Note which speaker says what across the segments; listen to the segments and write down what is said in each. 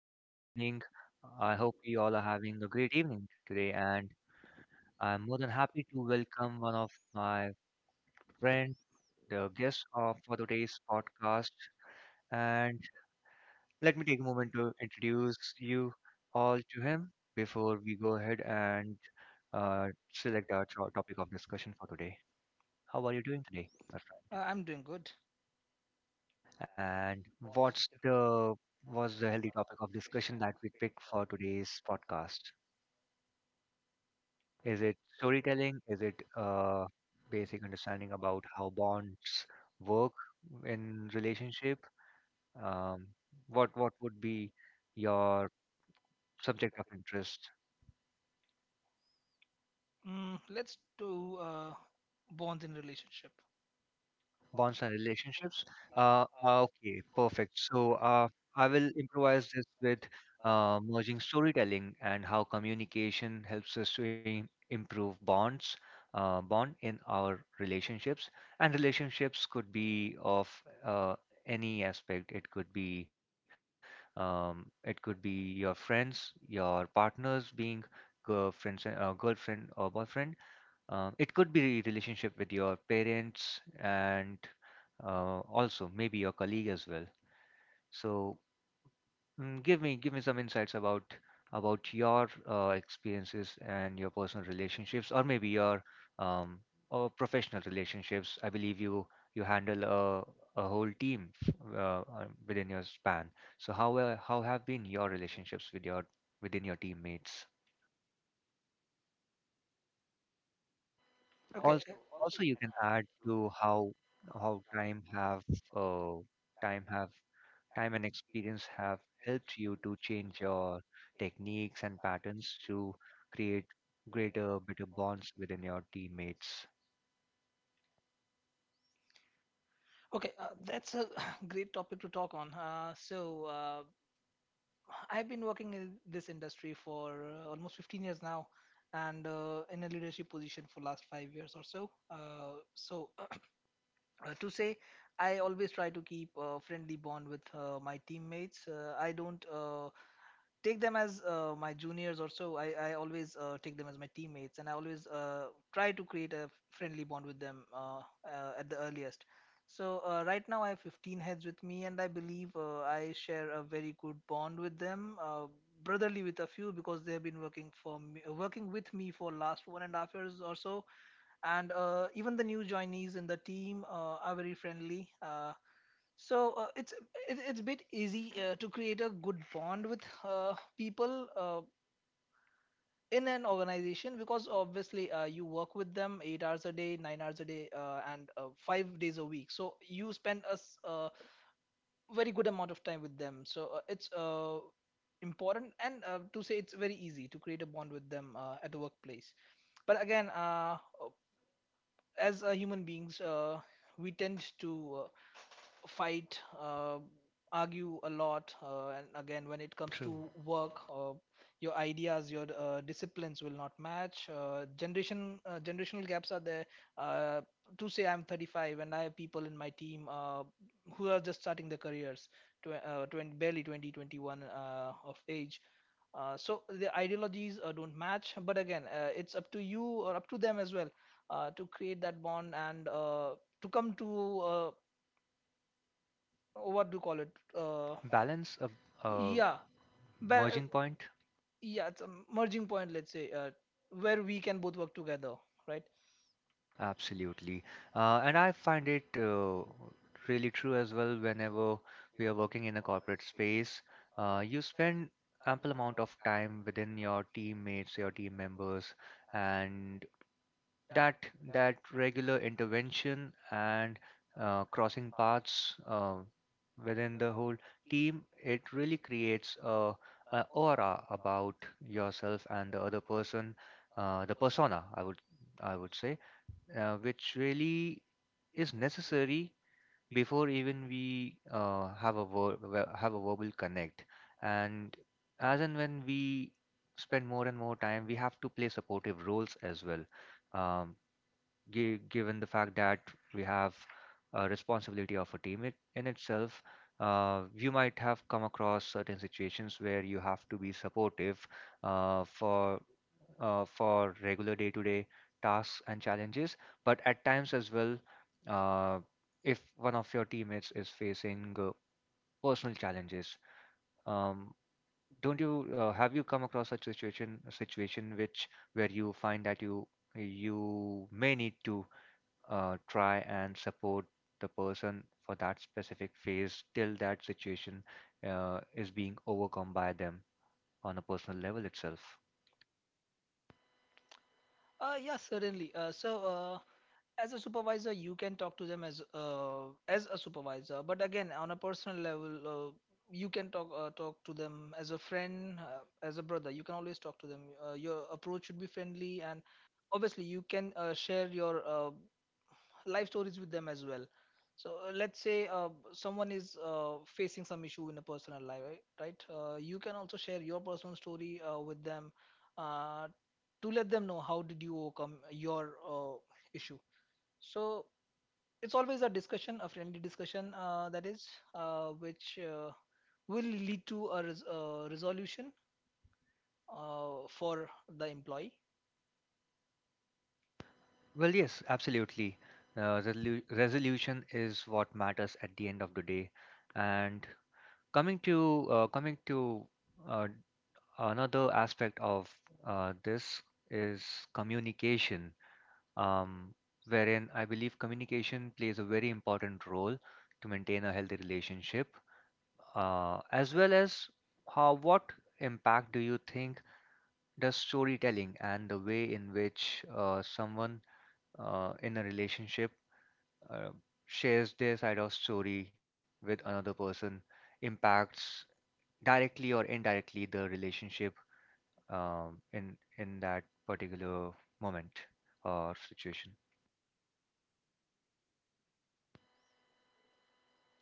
Speaker 1: today evening. I hope you all are having a great evening today, and I'm more than happy to welcome one of my friend, the guest of for today's podcast. And let me take a moment to introduce you all to him before we go ahead and select our topic of discussion for today. How are you doing today, my friend?
Speaker 2: I'm doing good.
Speaker 1: And what's the what's the healthy topic of discussion that we pick for today's podcast? Is it storytelling? Is it basic understanding about how bonds work in relationship? Um, what would be your subject of interest?
Speaker 2: Mm, let's do bonds in relationship.
Speaker 1: Bonds and relationships. Okay, perfect. So I will improvise this with merging storytelling and how communication helps us to improve bond in our relationships. And relationships could be of uh, any aspect. It could be um, it could be your friends, your partners being girlfriend or boyfriend. It could be relationship with your parents and also maybe your colleague as well. So give me some insights about your experiences and your personal relationships, or maybe your um, or professional relationships. I believe you handle a whole team within your span. So how have been your relationships within your teammates?
Speaker 2: Okay.
Speaker 1: also also you can add to how time have uh, time have time and experience have helped you to change your techniques and patterns to create greater better bonds within your teammates.
Speaker 2: Okay, that's a great topic to talk on. I've been working in this industry for almost 15 years now, and in a leadership position for last 5 years or so. To say, I always try to keep a friendly bond with my teammates. I don't take them as my juniors or so. I always take them as my teammates, and I always try to create a friendly bond with them at the earliest. So right now I have 15 heads with me, and I believe I share a very good bond with them, brotherly with a few because they have been working for me, working with me for last 1.5 years or so. And even the new joinees in the team are very friendly. So uh, it's it's a bit easy to create a good bond with people in an organization because obviously you work with them 8 hours a day, 9 hours a day, and 5 days a week. So you spend a very good amount of time with them. So it's important and to say it's very easy to create a bond with them at the workplace. But again, as human beings, we tend to fight, argue a lot, and again, when it comes
Speaker 1: True.
Speaker 2: to work, your ideas, your disciplines will not match. Generational gaps are there. Uh, to say, I'm 35 and I have people in my team who are just starting their careers, barely 20, 21 of age, so the ideologies don't match, but again, it's up to you or up to them as well to create that bond and to come to what do you call it? Uh,
Speaker 1: Balance a
Speaker 2: yeah, but
Speaker 1: merging point.
Speaker 2: yeah, it's a merging point, let's say, where we can both work together, right?
Speaker 1: Absolutely. And I find it really true as well whenever we are working in a corporate space. You spend ample amount of time within your teammates, your team members, and that that regular intervention and crossing paths within the whole team, it really creates a aura about yourself and the other person, the persona, I would say which really is necessary before even we have a ver- ver- have a verbal connect. And as and when we spend more and more time, we have to play supportive roles as well. Um, given the fact that we have a responsibility of a team in itself, you might have come across certain situations where you have to be supportive uh, for for regular day-to-day tasks and challenges, but at times as well, uh, if one of your teammates is facing personal challenges, um, don't you have you come across such situation a situation which where you find that you may need to try and support the person for that specific phase till that situation is being overcome by them on a personal level itself.
Speaker 2: Yeah, certainly. As a supervisor, you can talk to them as a supervisor, but again, on a personal level, you can talk to them as a friend, as a brother. You can always talk to them. Your approach should be friendly, and obviously, you can share your life stories with them as well. So let's say someone is facing some issue in a personal life, right? You can also share your personal story with them uh, to let them know how did you overcome your issue. So it's always a discussion, a friendly discussion that is, which will lead to a resolution for the employee.
Speaker 1: Well, yes, absolutely. Resolution is what matters at the end of the day. And coming to uh, another aspect of this is communication, um, wherein I believe communication plays a very important role to maintain a healthy relationship. As well as how what impact do you think does storytelling and the way in which someone in a relationship uh, shares their side of story with another person impacts directly or indirectly the relationship, in that particular moment or situation?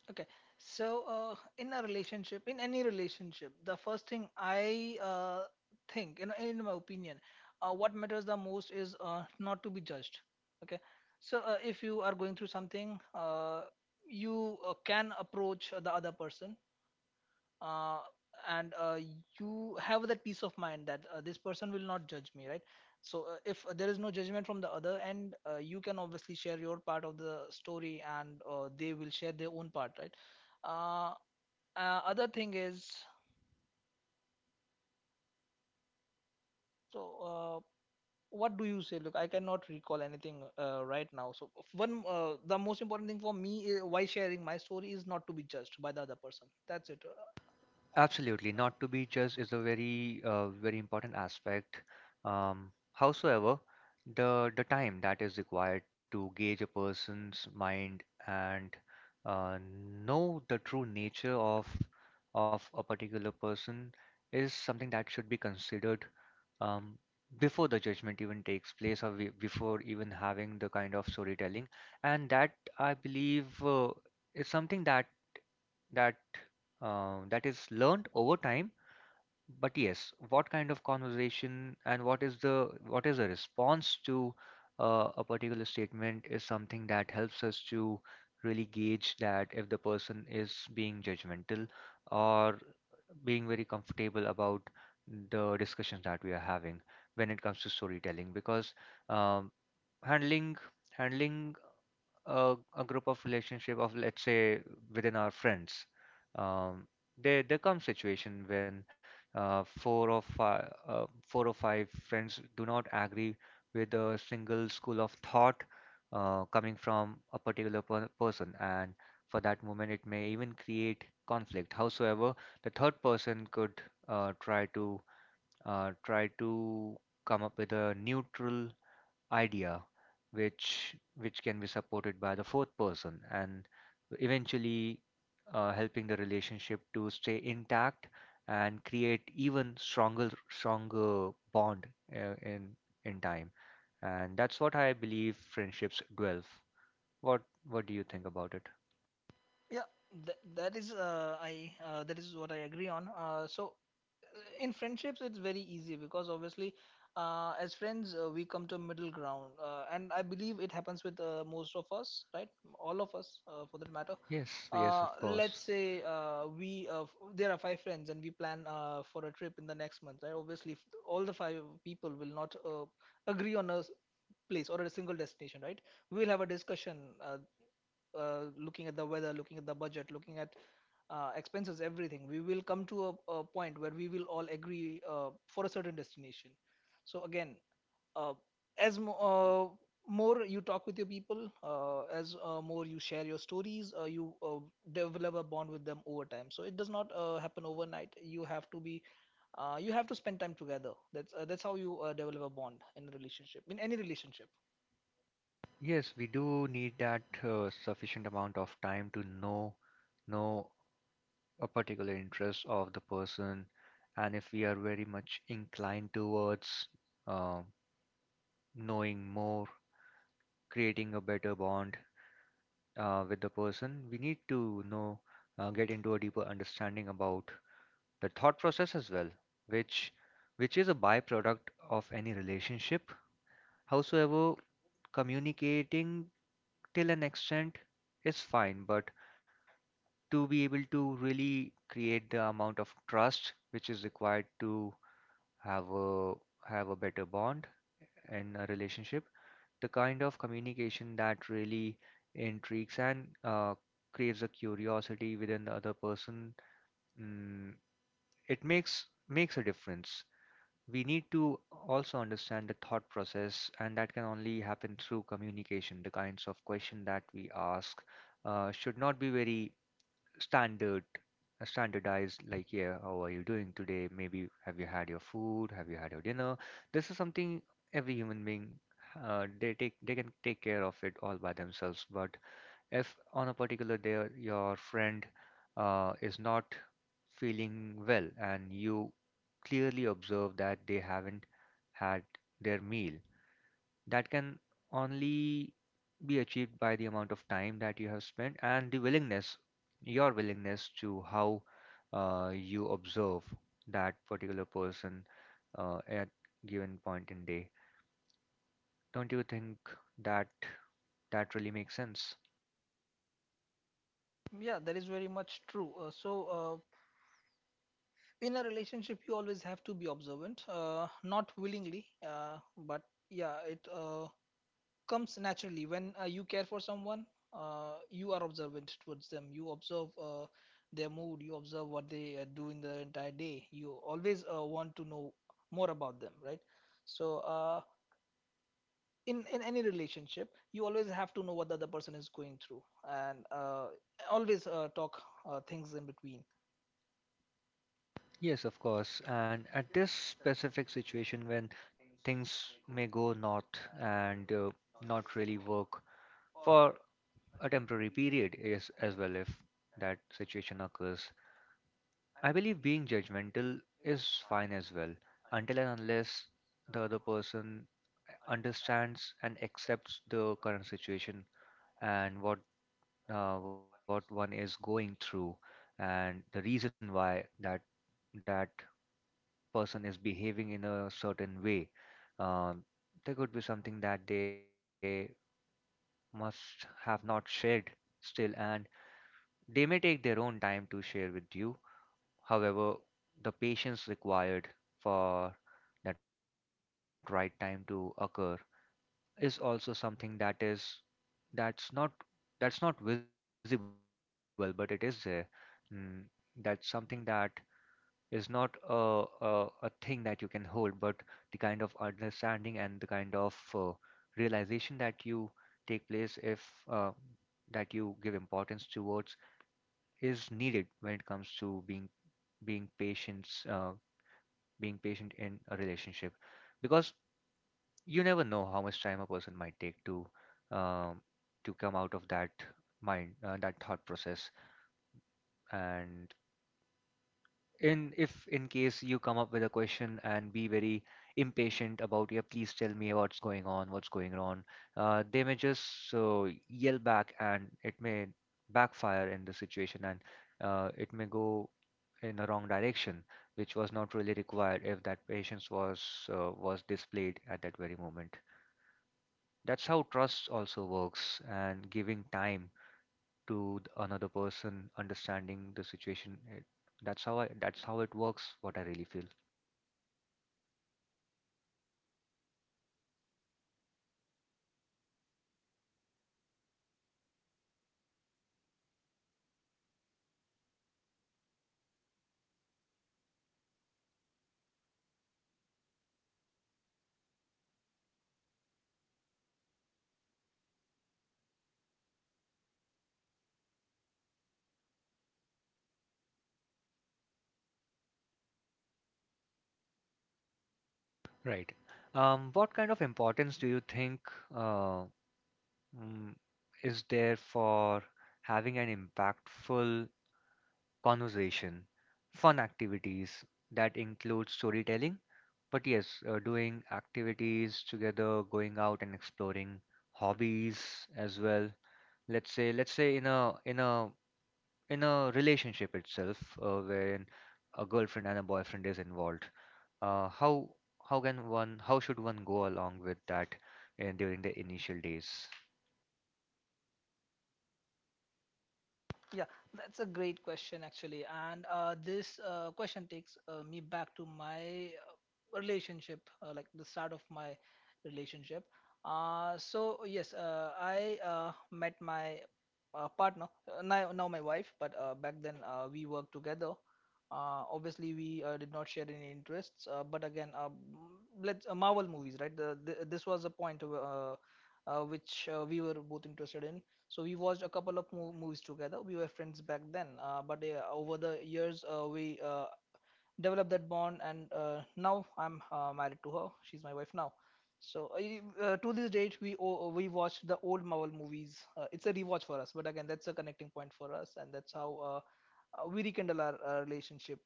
Speaker 2: Okay. So, in a relationship, in any relationship, the first thing I think, you know, in my opinion, what matters the most is not to be judged. Okay. So, if you are going through something, you can approach the other person uh, and you have that peace of mind that this person will not judge me, right? So if there is no judgment from the other end, you can obviously share your part of the story, and they will share their own part, right? uh, Other thing is, so uh, what do you say? Look, I cannot recall anything right now. So, f- one the most important thing for me, why sharing my story, is not to be judged by the other person. That's it.
Speaker 1: Absolutely. Not to be judged is a very, very important aspect. Howsoever, the time that is required to gauge a person's mind and uh, know the true nature of a particular person is something that should be considered, um, before the judgment even takes place, before even having the kind of storytelling. And that I believe is something that that is learned over time. But yes, what kind of conversation and what is the response to a particular statement is something that helps us to really gauge that if the person is being judgmental or being very comfortable about the discussions that we are having when it comes to storytelling, because um, handling handling a group of relationship of, let's say, within our friends. um, there comes situation when four or five friends do not agree with a single school of thought, coming from a particular person, and for that moment it may even create conflict. Howsoever, the third person could uh, try to try to come up with a neutral idea, which can be supported by the fourth person and eventually helping the relationship to stay intact and create even stronger bond uh, in in time. And that's what I believe friendships dwell. What what do you think about it?
Speaker 2: Yeah, that is I that is what I agree on. So in friendships, it's very easy because obviously, as friends, we come to a middle ground, and I believe it happens with most of us, right? All of us, for that matter.
Speaker 1: Yes, yes, of
Speaker 2: Let's
Speaker 1: course.
Speaker 2: say there are five friends and we plan for a trip in the next month, right? Obviously, if all the five people will not agree on a place or a single destination, right, we will have a discussion. uh, Looking at the weather, looking at the budget, looking at expenses, everything, we will come to a point where we will all agree for a certain destination. So again, uh, as mo- uh, more you talk with your people, as more you share your stories, you develop a bond with them over time. So it does not happen overnight. You have to be, you have to spend time together. That's how you develop a bond in a relationship, in any relationship.
Speaker 1: Yes, we do need that sufficient amount of time to know a particular interest of the person, and if we are very much inclined towards uh, knowing more, creating a better bond with the person, we need to get into a deeper understanding about the thought process as well, which which is a byproduct of any relationship. Howsoever, communicating till an extent is fine, but to be able to really create the amount of trust which is required to have a have a better bond in a relationship, the kind of communication that really intrigues and creates a curiosity within the other person, mm, it makes a difference. We need to also understand the thought process, and that can only happen through communication. The kinds of question that we ask should not be very standard standardized, like, yeah, how are you doing today, maybe have you had your food, have you had your dinner? This is something every human being, they can take care of it all by themselves. But if on a particular day your friend is not feeling well and you clearly observe that they haven't had their meal, that can only be achieved by the amount of time that you have spent and the willingness, your willingness to how you observe that particular person at given point in day. Don't you think that that really makes sense?
Speaker 2: Yeah, that is very much true. In a relationship, you always have to be observant, not willingly, but yeah, it comes naturally. When you care for someone, you are observant towards them. You observe their mood, you observe what they do in the entire day. You always want to know more about them, right? So, in any relationship, you always have to know what the other person is going through, and always talk things in between.
Speaker 1: Yes, of course. And at this specific situation when things may go north and not really work for a temporary period is as well, if that situation occurs, I believe being judgmental is fine as well, until and unless the other person understands and accepts the current situation and what one is going through and the reason why that person is behaving in a certain way. Uh, there could be something that they must have not shared still, and they may take their own time to share with you. However, the patience required for that right time to occur is also something that's not that's not visible, but it is there. Mm, that's something that is not a thing that you can hold, but the kind of understanding and the kind of realization that you take place if uh, that you give importance towards is needed when it comes to being patient, uh, being patient in a relationship, because you never know how much time a person might take to, um, to come out of that mind, that thought process. And in if in case you come up with a question and be very impatient about, yeah, please tell me what's going on, what's going on, they may just yell back and it may backfire in the situation, and it may go in a wrong direction, which was not really required if that patience was displayed at that very moment. That's how trust also works, and giving time to another person, understanding the situation. It, that's how I. That's how it works. What I really feel. Right. What kind of importance do you think uh, mm, is there for having an impactful conversation, fun activities that include storytelling? But yes, doing activities together, going out and exploring hobbies as well. Let's say, in a relationship itself, wherein a girlfriend and a boyfriend is involved, uh, how how should one go along with that during the initial days?
Speaker 2: Yeah, that's a great question actually, and this question takes me back to my relationship, like the start of my relationship. So yes, I met my partner, now my wife, but back then, we worked together. Obviously, we did not share any interests, but again, m- let's Marvel movies, right? This was a point which we were both interested in. So we watched a couple of movies together. We were friends back then, but over the years, we developed that bond, and now I'm married to her. She's my wife now. So to this date, we watch the old Marvel movies. It's a rewatch for us, but again, that's a connecting point for us, and that's how we rekindle our relationship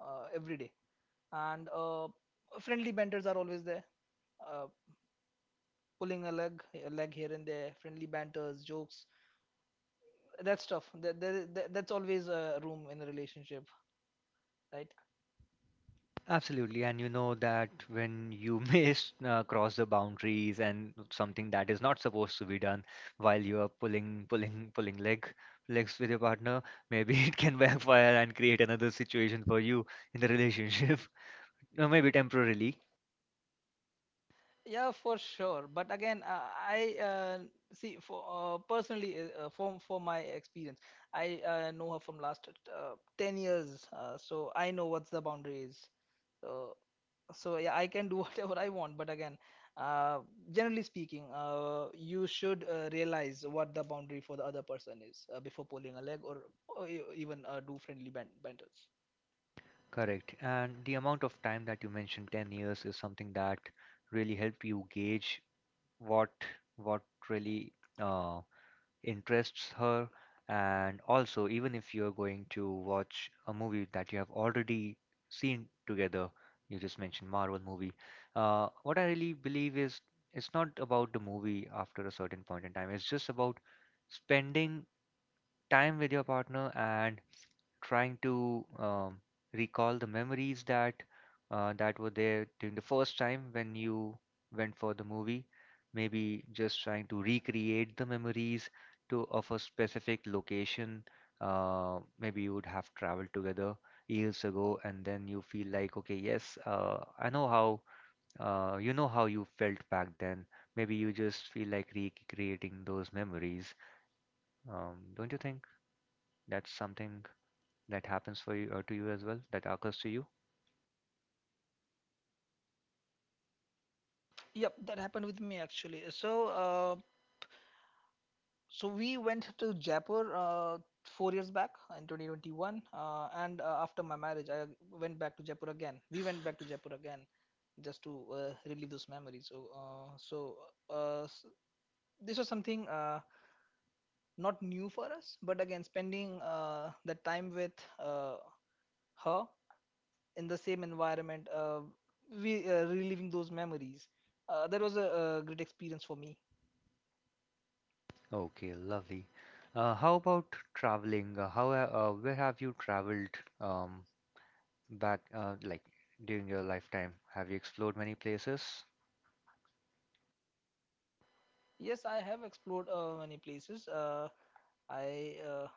Speaker 2: every day. And friendly banters are always there, uh, pulling a leg here and there. Friendly banters, jokes, that's tough, that's always a room in a relationship, right?
Speaker 1: Absolutely, and you know that when you miss cross the boundaries and something that is not supposed to be done while you are pulling legs with your partner, maybe it can backfire and create another situation for you in the relationship, or maybe temporarily.
Speaker 2: Yeah, for sure, but again, I see, for personally, from for my experience, I know her from last 10 years, so I know what's the boundary is. So so yeah, I can do whatever I want, but again, uh, generally speaking, you should realize what the boundary for the other person is before pulling a leg, or even do friendly banters.
Speaker 1: Correct. And the amount of time that you mentioned, 10 years, is something that really helped you gauge what what really uh, interests her. And also, even if you're going to watch a movie that you have already seen together, you just mentioned Marvel movie. What I really believe is it's not about the movie after a certain point in time. It's just about spending time with your partner and trying to recall the memories that that were there during the first time when you went for the movie. Maybe just trying to recreate the memories to of a specific location. Maybe you would have traveled together years ago, and then you feel like, okay, yes, I know how you know how you felt back then. Maybe you just feel like recreating those memories. Don't you think that's something that happens for you, to you as well. That occurs to you.
Speaker 2: Yep, that happened with me actually. So, so we went to Jaipur 4 years back in 2021, and after my marriage, I went back to Jaipur again. We went back to Jaipur again just to relive those memories. So, so s this was something not new for us, but again, spending the time with uh, her in the same environment, we reliving those memories. That was a great experience for me.
Speaker 1: Okay, lovely. How about traveling? Where have you traveled um, back like during your lifetime? Have you explored many places?
Speaker 2: Yes, I have explored many places. I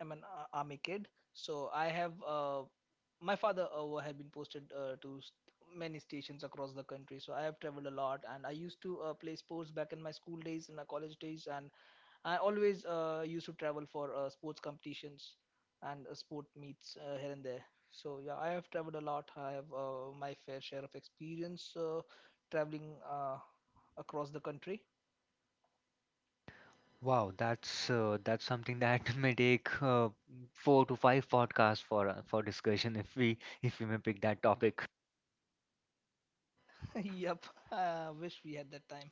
Speaker 2: am an army kid, so I have my father had been posted to many stations across the country. So I have traveled a lot, and I used to play sports back in my school days, in my college days, and I always used to travel for sports competitions and sport meets here and there. So yeah, I have traveled a lot. I have my fair share of experience traveling across the country.
Speaker 1: Wow, that's something that may take four to five podcasts for discussion if we may pick that topic.
Speaker 2: Yep, I wish we had that time.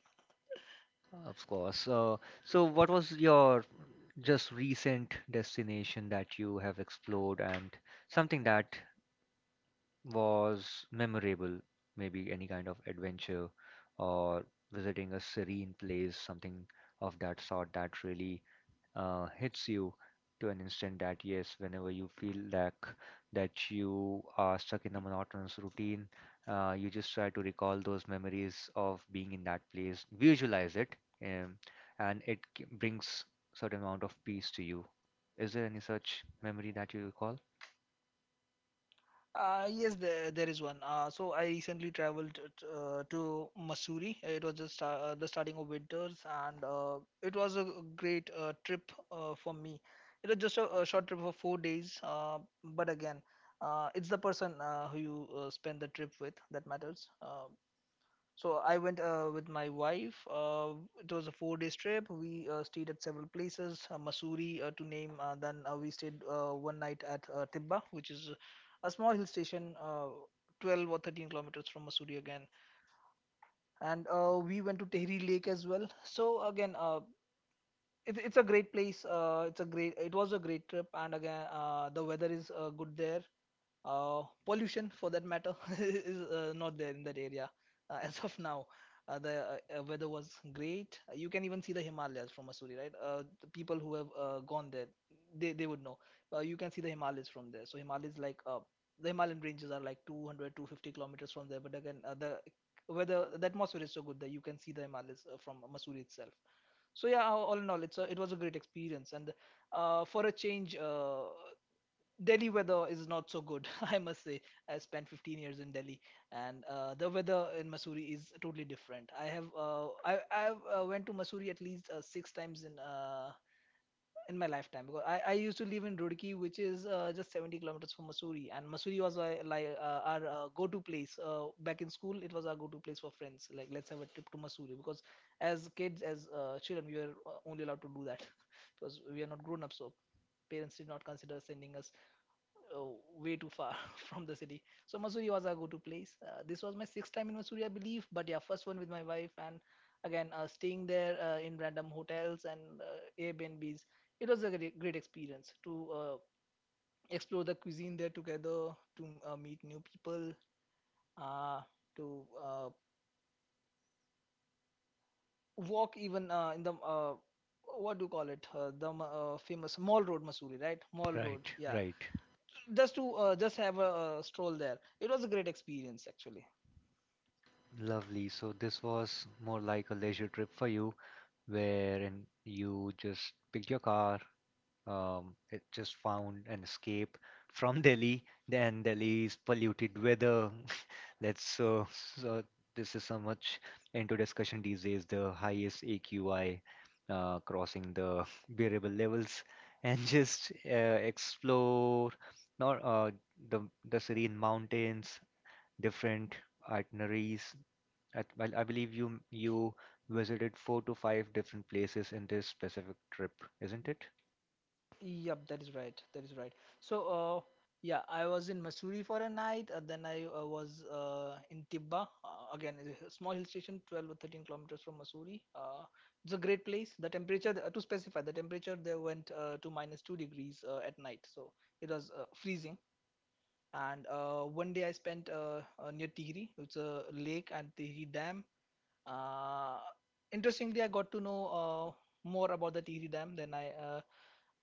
Speaker 1: Of course. So, what was your just recent destination that you have explored and something that was memorable, maybe any kind of adventure or visiting a serene place, something of that sort that really hits you to an instant that yes, whenever you feel like that you are stuck in a monotonous routine, you just try to recall those memories of being in that place, visualize it, um, and brings certain amount of peace to you. Is there any such memory that you recall?
Speaker 2: Yes, there is one. So I recently traveled to Missouri. It was just the starting of winters, and it was a great trip for me. It was just a short trip for 4 days, but again, it's the person who you spend the trip with that matters. So I went with my wife. It was a 4 days trip. We stayed at several places, Missouri to name. Then we stayed one night at Tibba, which is a small hill station, 12 or 13 kilometers from Missouri again. And we went to Tehri Lake as well. So again, it's a great place. It was a great trip, and again, the weather is good there. Pollution for that matter is not there in that area as of now. The weather was great. You can even see the Himalayas from Mussoorie, right? The people who have gone there, they would know. You can see the Himalayas from there. So Himalayas, like the Himalayan ranges are like 200, 250 kilometers from there. But again, the weather, the atmosphere is so good that you can see the Himalayas from Mussoorie itself. So yeah, all in all, it was a great experience, and for a change, Delhi weather is not so good, I must say. I spent 15 years in Delhi, and the weather in Missouri is totally different. I have I went to Missouri at least six times in my lifetime because I used to live in Roorkee, which is just 70 kilometers from Missouri, and Missouri was my, like our go-to place back in school. It was our go-to place for friends. Like, let's have a trip to Missouri because as kids, as children, we were only allowed to do that because we are not grown up, so parents did not consider sending us oh, way too far from the city. So Missouri was our go-to place. This was my sixth time in Missouri, I believe. But yeah, first one with my wife, and again staying there in random hotels and Airbnbs. It was a great, great experience to explore the cuisine there together, to meet new people, uh, to walk even in the what do you call it? The famous Mall Road, Missouri, right? Mall Road,
Speaker 1: Right,
Speaker 2: yeah.
Speaker 1: right.
Speaker 2: Just to just have a, stroll there. It was a great experience actually.
Speaker 1: Lovely. So this was more like a leisure trip for you, wherein you just picked your car, it just found an escape from Delhi, then Delhi's polluted weather. Let's so so This is so much into discussion these days, the highest AQI crossing the bearable levels, and just explore not the serene mountains, different itineraries at, well, I believe you visited four to five different places in this specific trip, isn't it?
Speaker 2: Yep, that is right. That is right. So, yeah, I was in Missouri for a night. Then I was in Tibba. Again, it's a small hill station, 12 or 13 kilometers from Missouri. It's a great place. To specify, the temperature there went to minus -2 degrees at night. So it was freezing. And one day I spent near Tihri. It's a lake and Tihri Dam. Uh, Interestingly, I got to know more about the Tihri Dam than I uh,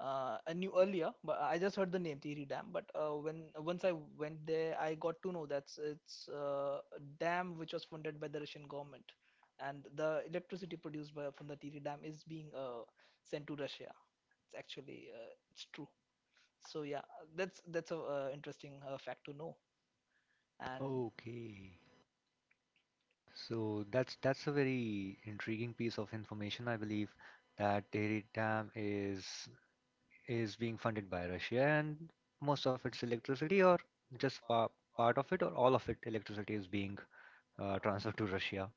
Speaker 2: uh, I knew earlier, but I just heard the name Tihri Dam. But when once I went there, I got to know that it's a dam which was funded by the Russian government, and the electricity produced from the Tihri Dam is being sent to Russia. It's actually it's true. So yeah, that's a interesting fact to know. And
Speaker 1: Okay. So that's a very intriguing piece of information, I believe, that Tehri Dam is being funded by Russia, and most of its electricity, or just pa part of it, or all of it, electricity is being transferred to Russia.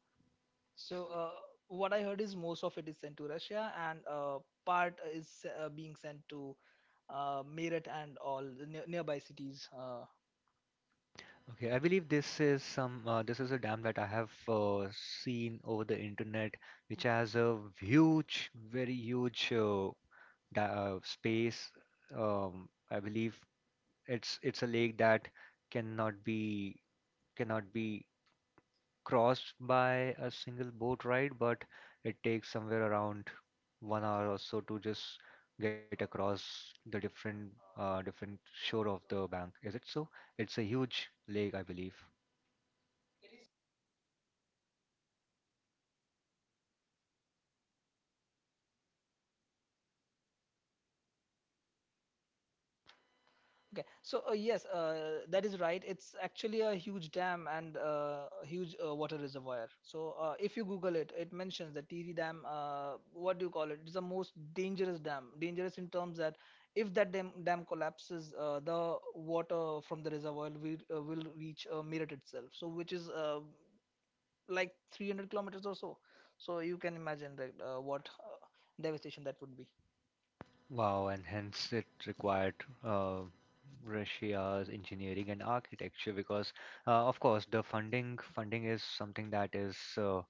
Speaker 2: so what I heard is most of it is sent to Russia, and part is being sent to Meerut and all the nearby cities
Speaker 1: Okay, I believe this is some this is a dam that I have seen over the internet, which has a huge, very huge da space. I believe it's a lake that cannot be cannot be crossed by a single boat ride, but it takes somewhere around 1 hour or so to just get across the different different shore of the bank. Is it so? It's a huge lake, I believe.
Speaker 2: Okay, so yes, that is right. It's actually a huge dam and a huge water reservoir. So if you Google it, it mentions the Tiri Dam. What do you call it? It's the most dangerous dam. Dangerous in terms that if that dam collapses, the water from the reservoir will reach Meerut itself. So which is like 300 kilometers or so. So you can imagine that what devastation that would be
Speaker 1: Wow, and hence it required uh, Russia's engineering and architecture because, of course, the funding is something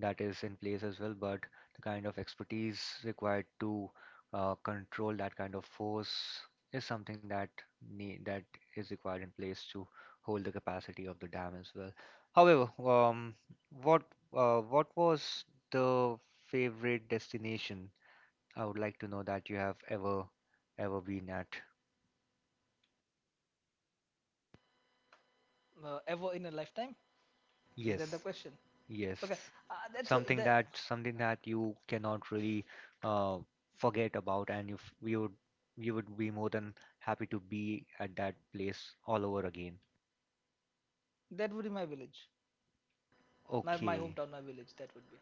Speaker 1: that is in place as well, but the kind of expertise required to control that kind of force is something that need that is required in place to hold the capacity of the dam as well. However, what what was the favorite destination? I would like to know that you have ever been at.
Speaker 2: ever in a lifetime. Is that the
Speaker 1: Yes,
Speaker 2: question?
Speaker 1: yes.
Speaker 2: Okay, that's so that
Speaker 1: Something that you cannot really uh, forget about, and you would be more than happy to be at that place all over again.
Speaker 2: that would be my village, my
Speaker 1: Okay.
Speaker 2: hometown, my village. That would be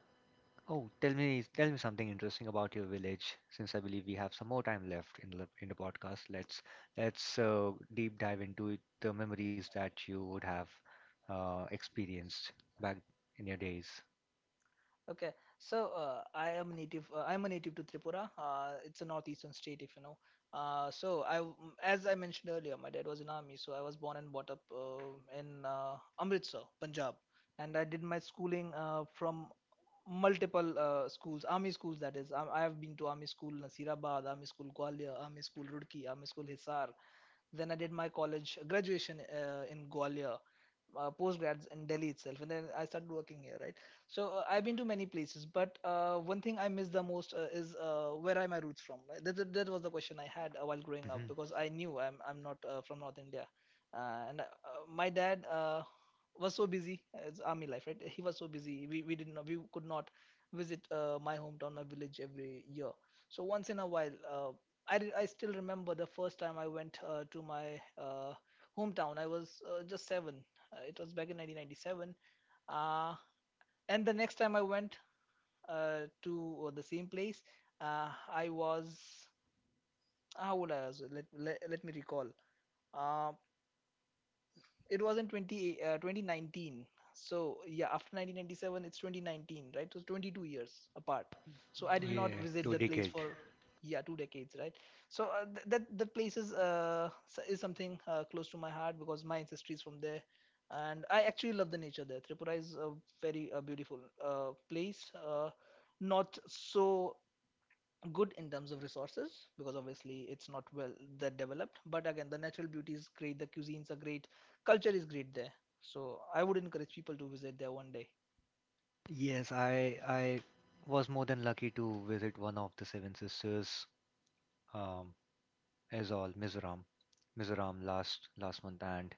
Speaker 1: Oh, tell me something interesting about your village, since I believe we have some more time left in the podcast. Let's deep dive into it, the memories that you would have experienced back in your days.
Speaker 2: okay. So I am native. I am a native to Tripura. It's a northeastern state, if you know. Uh, so I, w- as I mentioned earlier, my dad was in army, so I was born and brought up in Amritsar, Punjab, and I did my schooling from multiple schools, army schools. That is, I have been to army school Nasirabad, army school Gwalior, army school Rudki, army school Hisar. Then I did my college graduation in Gwalior, postgrads in Delhi itself, and then I started working here, right? So I've been to many places, but one thing I miss the most is, where are my roots from, right? That was the question I had while growing up
Speaker 1: Hmm.
Speaker 2: because I knew I'm not from North India, and my dad was so busy. It's army life, right? He was so busy. We didn't know, we could not visit my hometown, my village every year. So once in a while, I still remember the first time I went to my hometown. I was just seven, it was back in 1997. Uh, and the next time I went to the same place, I was — how old I was? Let me recall. Uh, It was in 2019. So yeah, after 1997, it's 2019, right? So 22 years apart. So I did not
Speaker 1: Yeah,
Speaker 2: visit
Speaker 1: two
Speaker 2: the place
Speaker 1: decade.
Speaker 2: for, yeah, two decades, right? So that that place is is something close to my heart because my ancestry is from there, and I actually love the nature there. Tripura is a very beautiful place. Not so good in terms of resources because obviously it's not well that developed, but again the natural beauty is great, the cuisines are great, culture is great there. So I would encourage people to visit there one day.
Speaker 1: Yes, I was more than lucky to visit one of the Seven Sisters, um, as all Mizoram, Mizoram last month, and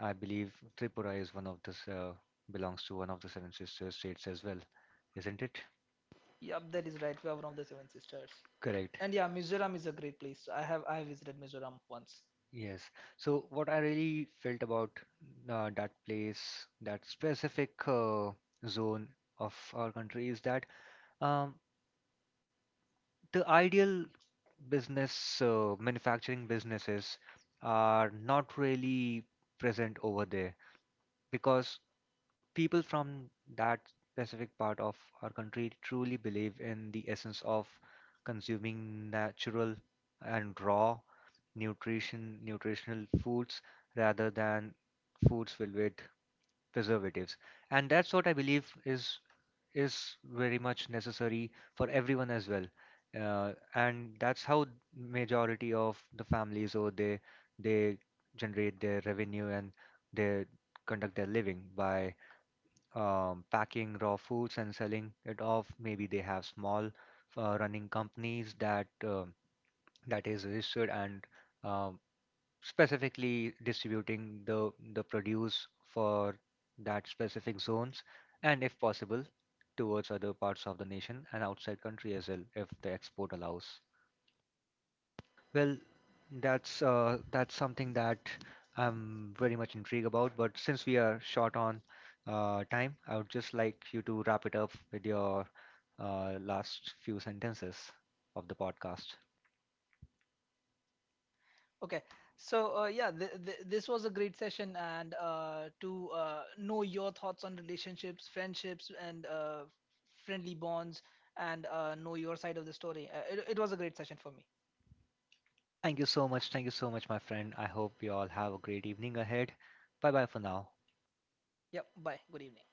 Speaker 1: I believe Tripura is one of the belongs to one of the Seven Sisters states as well, isn't it?
Speaker 2: Yep, that is right, we are one of the Seven Sisters.
Speaker 1: Correct.
Speaker 2: And yeah, Mizoram is a great place. I visited Mizoram once.
Speaker 1: Yes. So what I really felt about that place, that specific zone of our country, is that um, the ideal business manufacturing businesses are not really present over there because people from that specific part of our country truly believe in the essence of consuming natural and raw nutritional foods rather than foods filled with preservatives, and that's what I believe is is very much necessary for everyone as well, and that's how majority of the families, or they generate their revenue, and they conduct their living by packing raw foods and selling it off. Maybe they have small running companies that that is registered and um, specifically distributing the produce for that specific zones, and if possible towards other parts of the nation and outside country as well, if the export allows. Well, that's something that I'm very much intrigued about, but since we are short on time, I would just like you to wrap it up with your last few sentences of the podcast.
Speaker 2: Okay, so yeah, this was a great session and to know your thoughts on relationships, friendships, and friendly bonds, and know your side of the story. It was a great session for me.
Speaker 1: Thank you so much. Thank you so much, my friend. I hope you all have a great evening ahead. Bye bye for now.
Speaker 2: Yep. Bye. Good evening.